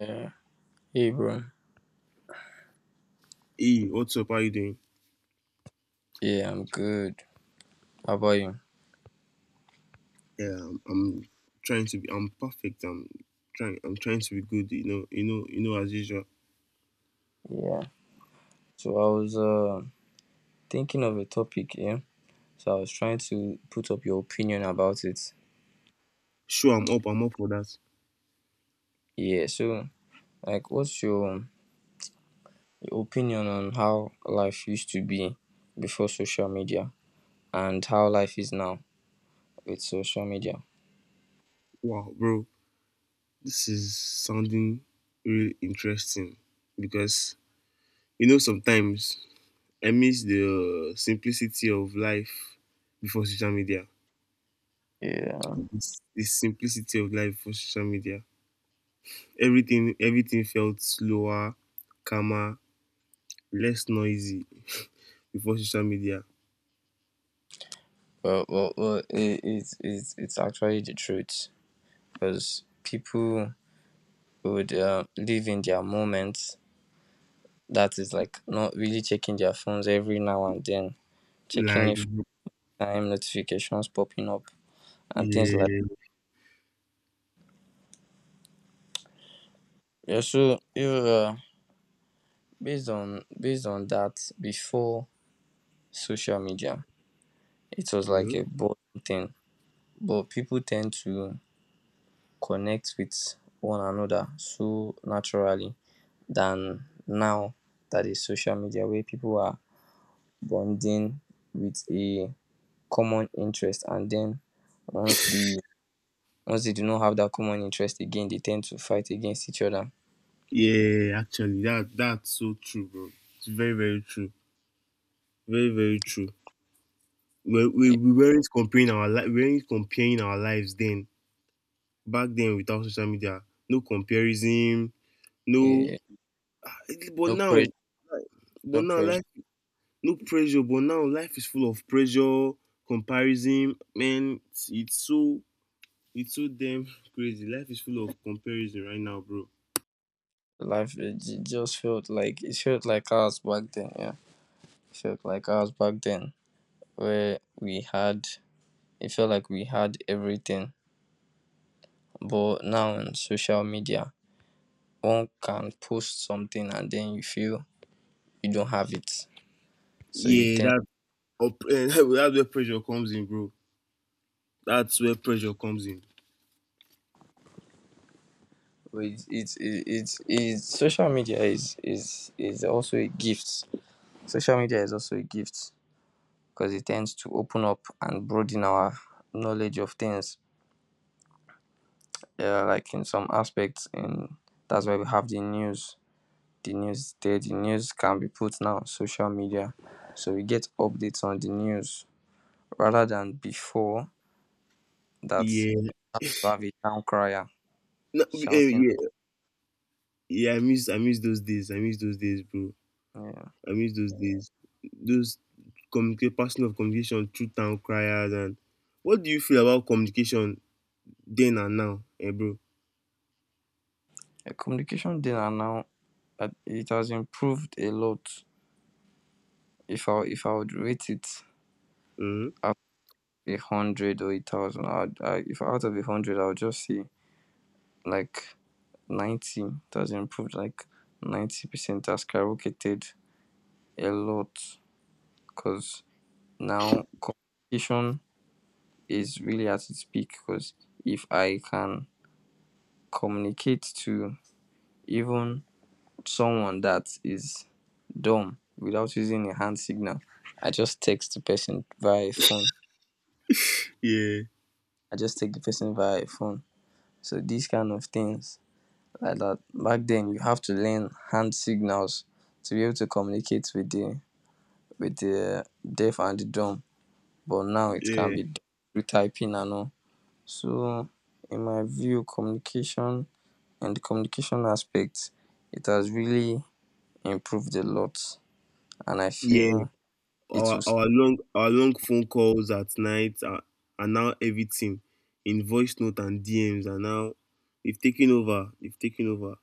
Yeah. Hey, bro. Hey, what's up? How you doing? Yeah, I'm good. How about you? Yeah, I'm trying to be. I'm perfect. I'm trying. I'm trying to be good. You know. You know. You know. As usual. Yeah. So I was thinking of a topic, yeah. So I was trying to put up your opinion about it. Sure, I'm up. I'm up for that. Yeah. So, like, what's your opinion on how life used to be before social media and how life is now with social media? Wow, bro, this is sounding really interesting because you know sometimes I miss the simplicity of life before social media. Yeah. This simplicity of life for social media. Everything. Everything felt slower, calmer, less noisy before social media. Well, it's actually the truth because people would live in their moment, that is, like, not really checking their phones every now and then, checking Like. if time notifications popping up and things like Yeah. that. Yeah. So you based on that before social media, it was like Hmm. a boring thing, but people tend to connect with one another so naturally than now, that is social media where people are bonding with a common interest, and then once the Once they do not have that common interest again, they tend to fight against each other. Yeah, actually, that's so true, bro. It's very, very true. Very, very true. We we, Eh, we weren't comparing our we weren't comparing our lives then. Back then, without social media, no comparison, no. eh, But no pressure, now, but no now, pressure. life no pressure. But now, life is full of pressure, comparison. Man, it's so damn crazy. Life is full of comparison right now, bro. Just felt like it felt like ours back then. Yeah, it felt like ours back then, where we had it felt like we had everything. But now on social media, one can post something and then you feel you don't have it, so you Yeah, tend. that up, that's where pressure comes in, bro. That's where pressure comes in. But it's social media is also a gift. Social media is also a gift because it tends to open up and broaden our knowledge of things. Yeah, like in some aspects, and that's why we have the news. The news is there. The news can be put now on social media, so we get updates on the news rather than before that Yeah. you have a town crier No, eh, shouting. yeah. Yeah, I miss those days. I miss those days, bro. Yeah. I miss those days. Those communicate passing of communication through town criers, and what do you feel about communication then and now, eh, bro? Communication then and now, it has improved a lot. If I would rate it Hmm. out of a hundred or a thousand, if out of a hundred, I would just say like 90. It has improved like 90% has skyrocketed a lot because now communication is really at its peak because if I can communicate to even someone that is dumb without using a hand signal, I just text the person via a phone. Yeah, I just take the person via a phone. So these kind of things, like that back then you have to learn hand signals to be able to communicate with the deaf and the dumb, but now it can yeah, be done through typing and all. So in my view, communication and the communication aspect, it has really improved a lot, and I yeah. feel it Our was our long our long phone calls at night are now everything in voice note, and DMs are now they've taken over. They've taken over.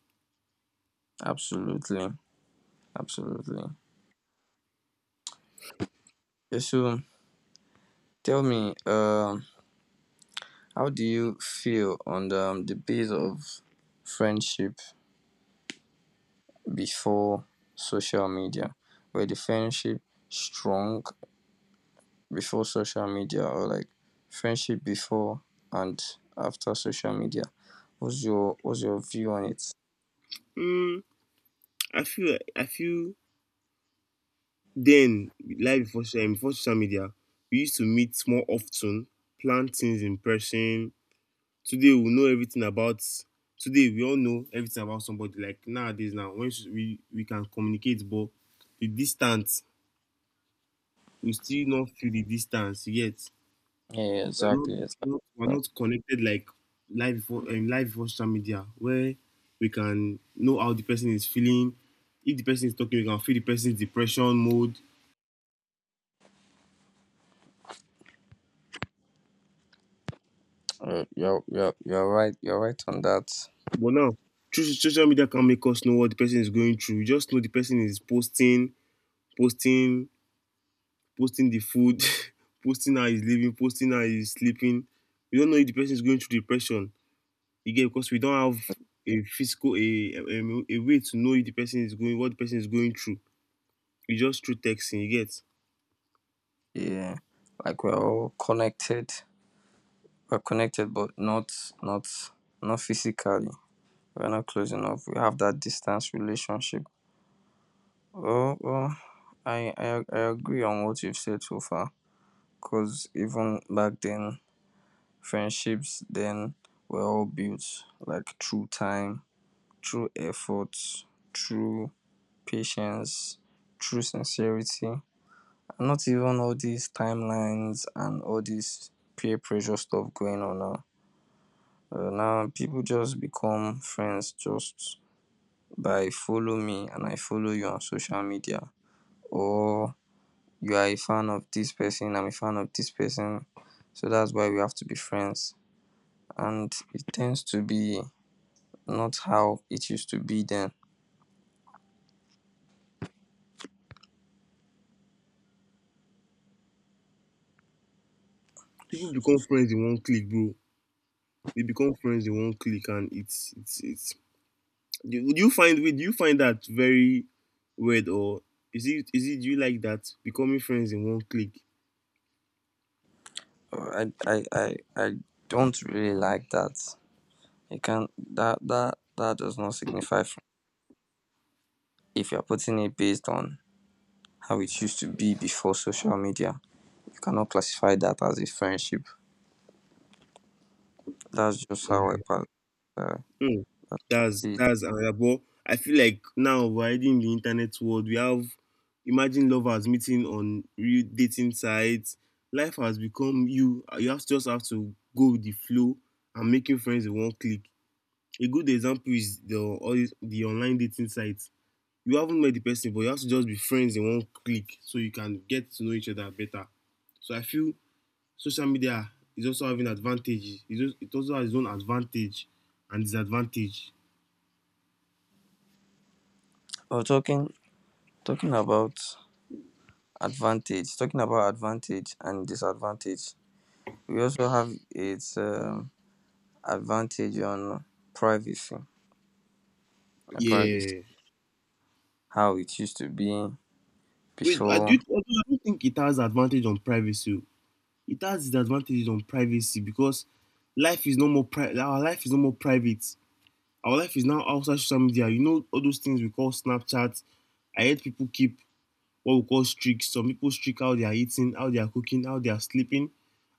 absolutely, absolutely. Yeah, so tell me, how do you feel on the base of friendship before social media? Were the friendship strong before social media, or like friendship before and after social media, what's your view on it? Mm, I feel then, life before before social media, we used to meet more often, plan things in person. Today we know everything about today we all know everything about somebody, like nowadays now when we can communicate, but the distance we still not feel the distance yet. Yeah, We're not, exactly, exactly, we're exactly. not connected like life before social media where we can know how the person is feeling. If the person is talking, we can feel the person's depression mode. You're, you're right, you're right on that. But now, through social media can't make us know what the person is going through. You just know the person is posting, posting, posting the food, posting how he's living, posting how he's sleeping. You don't know if the person is going through depression. You get because we don't have a physical a way to know if the person is going, what the person is going through. You just through texting, you get. Yeah, like we're all connected. We're connected but not not not physically. We're not close enough. We have that distance relationship. Oh, oh, I agree on what you've said so far, because even back then friendships then were all built, like, through time, through effort, through patience, through sincerity, and not even all these timelines and all this peer pressure stuff going on now. Now people just become friends just by follow me and I follow you on social media, or you are a fan of this person, I'm a fan of this person, so that's why we have to be friends. And it tends to be not how it used to be then. People become friends in one click, bro. They become friends in one click, and do you find do you find that very weird, or is it do you like that becoming friends in one click? I don't really like that. It can that does not signify fr- if you're putting it based on how it used to be before social media. You cannot classify that as a friendship. That's just how I pass uh, Mm, it. that's another, but I feel like now we're already in the internet world. We have imagine lovers meeting on real dating sites. Life has become you have just have to go with the flow and making friends in one click. A good example is the online dating sites. You haven't met the person, but you have to just be friends in one click, so you can get to know each other better. So I feel social media is also having advantages. It also has its own advantage and disadvantage. Or talking about advantage, talking about advantage and disadvantage. We also have its advantage on privacy, privacy, Yeah. how it used to be Wait, I do. before. I don't think it has advantage on privacy. It has disadvantages on privacy because life is no more our life is no more private. Our life is now outside social media. You know all those things we call Snapchat. I heard people keep what we call streaks. Some people streak how they are eating, how they are cooking, how they are sleeping.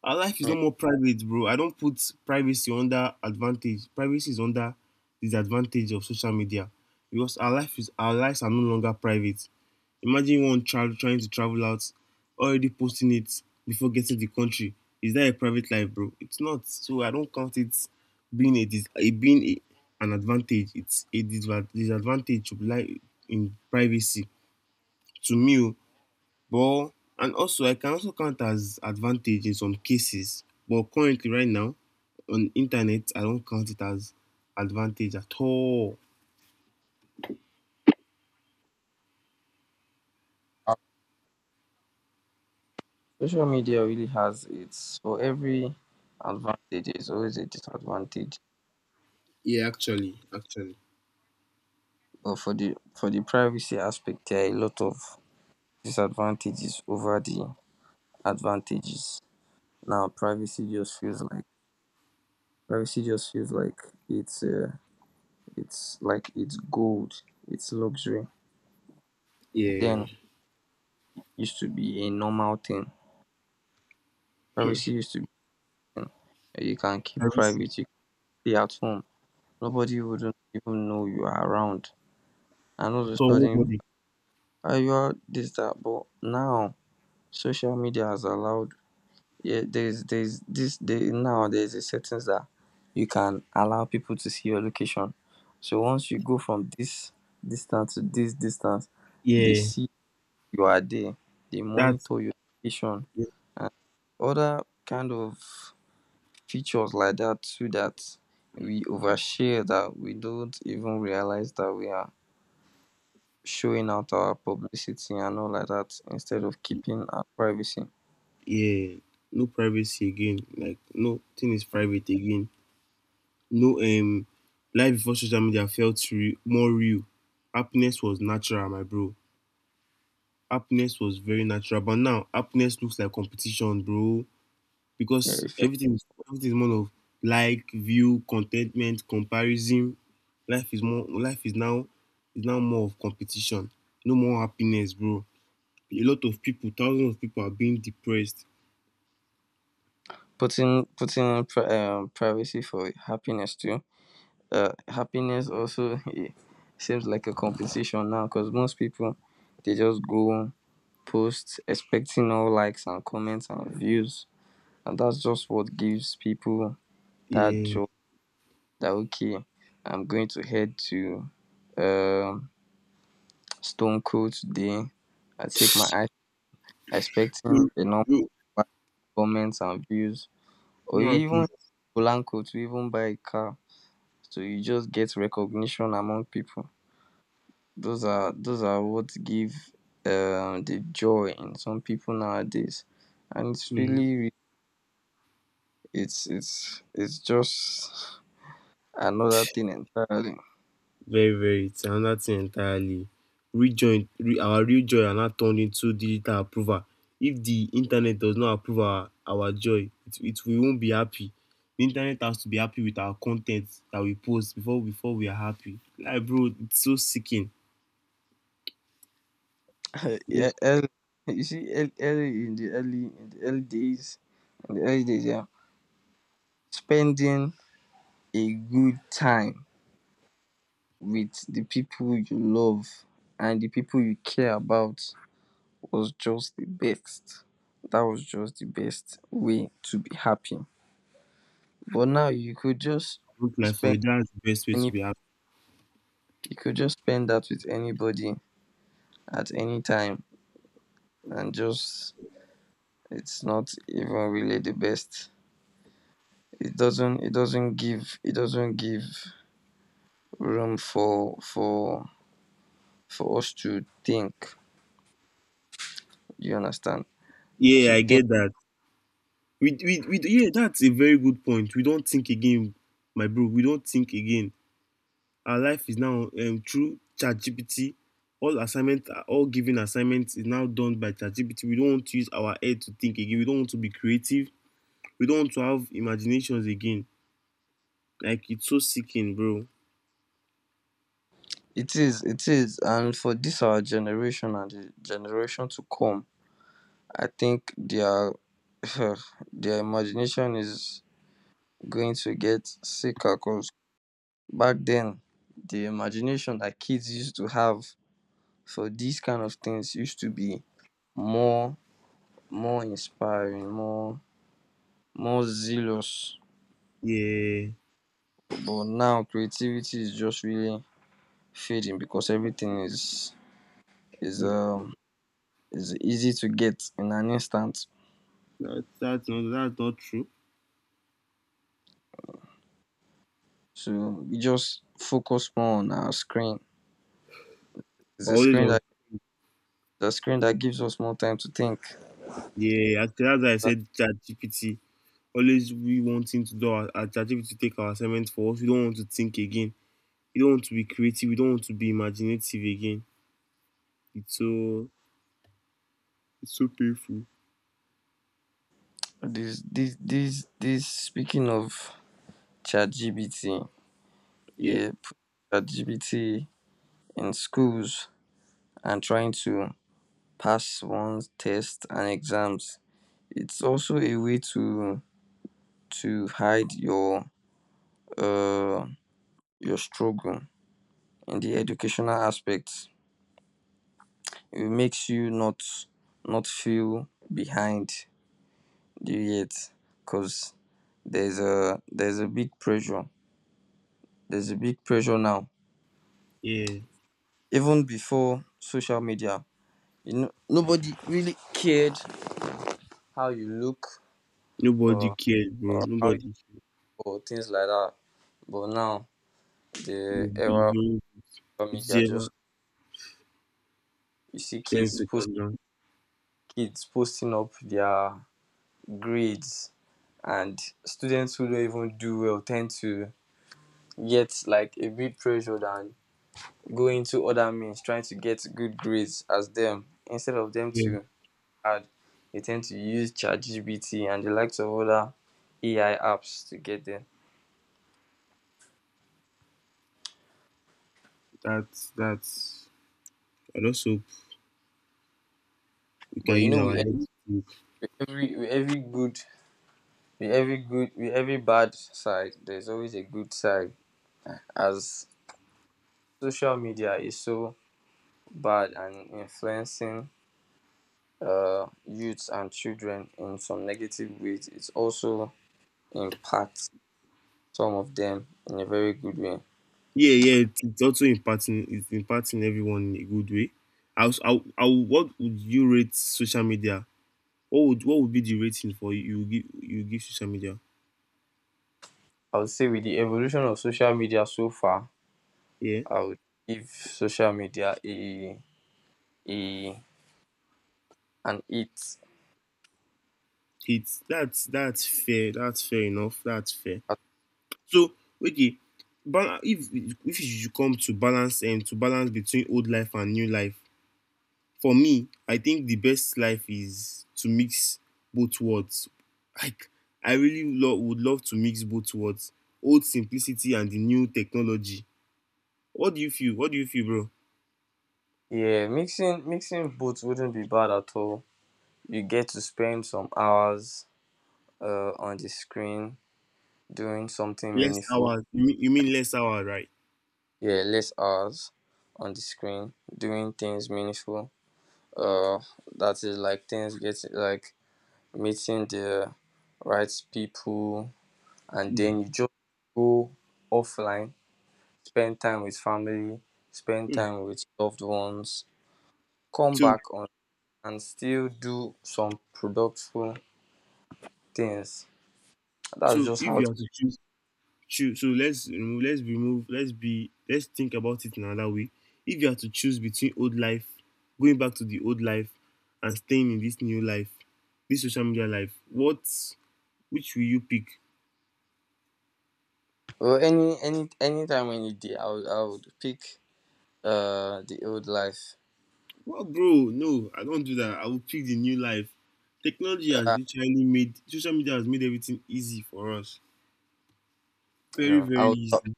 Our life is no Yeah. more private, bro. I don't put privacy under advantage. Privacy is under disadvantage of social media because our life is our lives are no longer private. Imagine one child trying to travel out, already posting it before getting to the country. Is that a private life, bro? It's not. So I don't count it being a it being an advantage. It's a disadvantage to life in privacy. To me, oh, but and also I can also count as advantage in some cases, but currently right now on internet I don't count it as advantage at all. Uh, Social media really has its, for every advantage there's always a disadvantage, Yeah, actually, actually, but for the privacy aspect, there are a lot of disadvantages over the advantages. Now, privacy just feels like privacy just feels like it's uh, it's like it's gold, it's luxury. yeah. Then used to be a normal thing. Privacy used to be a thing that you can keep Privacy private. You can stay at home. Nobody wouldn't even know you are around. And not to at all, studying nobody. your this that, but now social media has allowed, yeah, there's this day now there's a settings that you can allow people to see your location, so once you go from this distance to this distance, they Yeah, see you are there, they that's monitor your location and other kind of features like that too, that we overshare that we don't even realize that we are showing out our publicity and all like that instead of keeping our privacy. yeah. No privacy again. Like nothing is private again. No life before social media felt real, more real. Happiness was natural, my bro. Happiness was very natural, but now happiness looks like competition, bro. Yeah, Because if you everything is more of like, view, contentment, comparison. Life is now more of competition. No more happiness, bro. A lot of people, thousands of people are being depressed. putting pri- privacy for happiness too. Happiness also it seems like a competition now because most people they just go post expecting all likes and comments and views, and that's just what gives people that Yeah. joy. That okay, I'm going to head to um, Stone Cold today. I take my No, expecting a number of no, likes, comments and views, or no you even hit happiness. Polanco to even buy a car. So you just get recognition among people. Those are what give the joy in some people nowadays, and it's Mm. really re- it's just another thing entirely. Very, very. It's another thing entirely. Real joy, our real joy are not turned into digital approval. If the internet does not approve our joy, it we won't be happy. The internet has to be happy with our content that we post before we are happy. Like bro, it's so sickening. Yeah, Just you see, early in the early days, in the early days, yeah, spending a good time with the people you love and the people you care about was just the best. That was just the best way to be happy. But now you could just look like for spend it. That's the best way to any be happy. you could just spend that with anybody at any time, and just it's not even really the best. It doesn't it doesn't give room for for us to think. You understand? Yeah, To I think get that. Yeah, that's a very good point. We don't think again, my bro. We don't think again. Our life is now through ChatGPT. All assignment, all given assignments is now done by ChatGPT. We don't want to use our head to think again. We don't want to be creative. We don't want to have imaginations again. Like it's so sickening, bro. it is, it is, and for this our generation and the generation to come, I think their their imagination is going to get sicker. Cause back then, the imagination that kids used to have for these kind of things used to be more, more inspiring, more more zealous. Yeah, But now creativity is just really fading because everything is mm, um is easy to get in an instant. that's not that's not true. So we just focus more on our screen. It's Always on. The screen that gives us more time to think. Yeah, actually, that's why I But said ChatGPT. Always we wanting to do our ChatGPT to take our assignments for us. We don't want to think again. We don't want to be creative. We don't want to be imaginative again. It's so it's so painful. This speaking of ChatGPT, Yeah. yeah, put ChatGPT in schools and trying to pass one's test and exams. It's also a way to hide uh your struggle in the educational aspects. It makes you not not feel behind. Do you get? Because there's a big pressure. There's a big pressure now. Yeah, Even before social media, you know, nobody really cared how you look nobody or, cared, bro. or how you Nobody. or things like that. But now the You era of know, social media, just whatever. you see Ten kids post seconds down. kids posting up their grades, and students who don't even do well tend to get like a bit pressure than go into other means trying to get good grades as them, instead of them Yeah, to add they tend to use ChatGPT and the likes of other AI apps to get there. that's that's. I just hope we But can you use know, our with heads to- every with every good with every bad side, there's always a good side. As social media is so bad and influencing youths and children in some negative ways, it also impacts some of them in a very good way. Yeah, yeah. It's also impacting. It's impacting everyone in a good way. How, what would you rate social media? What would be the rating for you? You give social media. I would say, with the evolution of social media so far, Yeah, I would give social media a an eight. it's that's fair. That's fair enough. That's fair. At- So okay, bal- if if you come to balance between old life and new life, for me, I think the best life is to mix both worlds. Like I really would love to mix both worlds, old simplicity and the new technology. What do you feel? What do you feel, bro? yeah, mixing both wouldn't be bad at all. You get to spend some hours on the screen doing something Less meaningful. hours. You mean less hours, right? Yeah, less hours on the screen doing things meaningful. Uh, that is, like, things get like meeting the right people, and Mm. then you just go offline, spend time with family, spend Mm. time with loved ones, come So back on, and still do some productive things. That's so just if how. you It, have to choose. True. So let's remove let's be let's think about it in another way. If you had to choose between old life, going back to the old life, and staying in this new life, this social media life, what which will you pick? well, any time any day, I would pick the old life. Well, bro, no, I don't do that. I will pick the new life. Technology has Uh, literally made social media has made everything easy for us. Very no, I very would easy.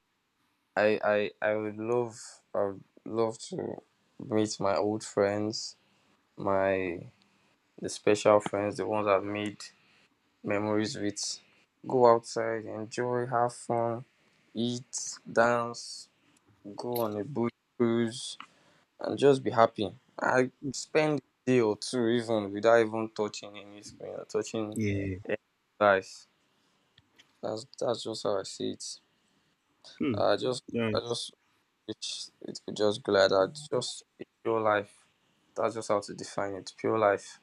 I would love I would love to meet my old friends, my the special friends, the ones I've made memories with. Go outside, enjoy, have fun, eat, dance, go on a boat cruise, and just be happy. I spend a day or two even without even touching any screen or touching Yeah. any device. That's just how I see it. Hmm. I just Yeah. I just wish it could just be like that. Just a pure life. That's just how to define it. Pure life.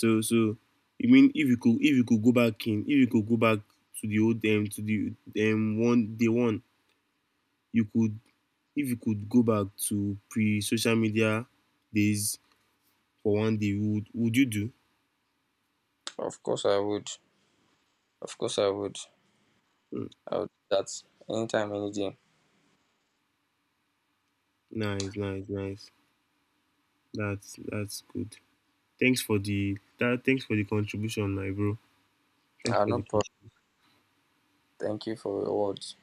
So so you mean if you could go back in if you could go back to the old to the one day one you could if you could go back to pre social media days for one day would you do? Of course I would. Of course I would. Mm, I would do that anytime, any day. nice nice nice that's good. Thanks for the that thanks for the contribution my bro. I Thanks have for no the problem. Thank you for your words.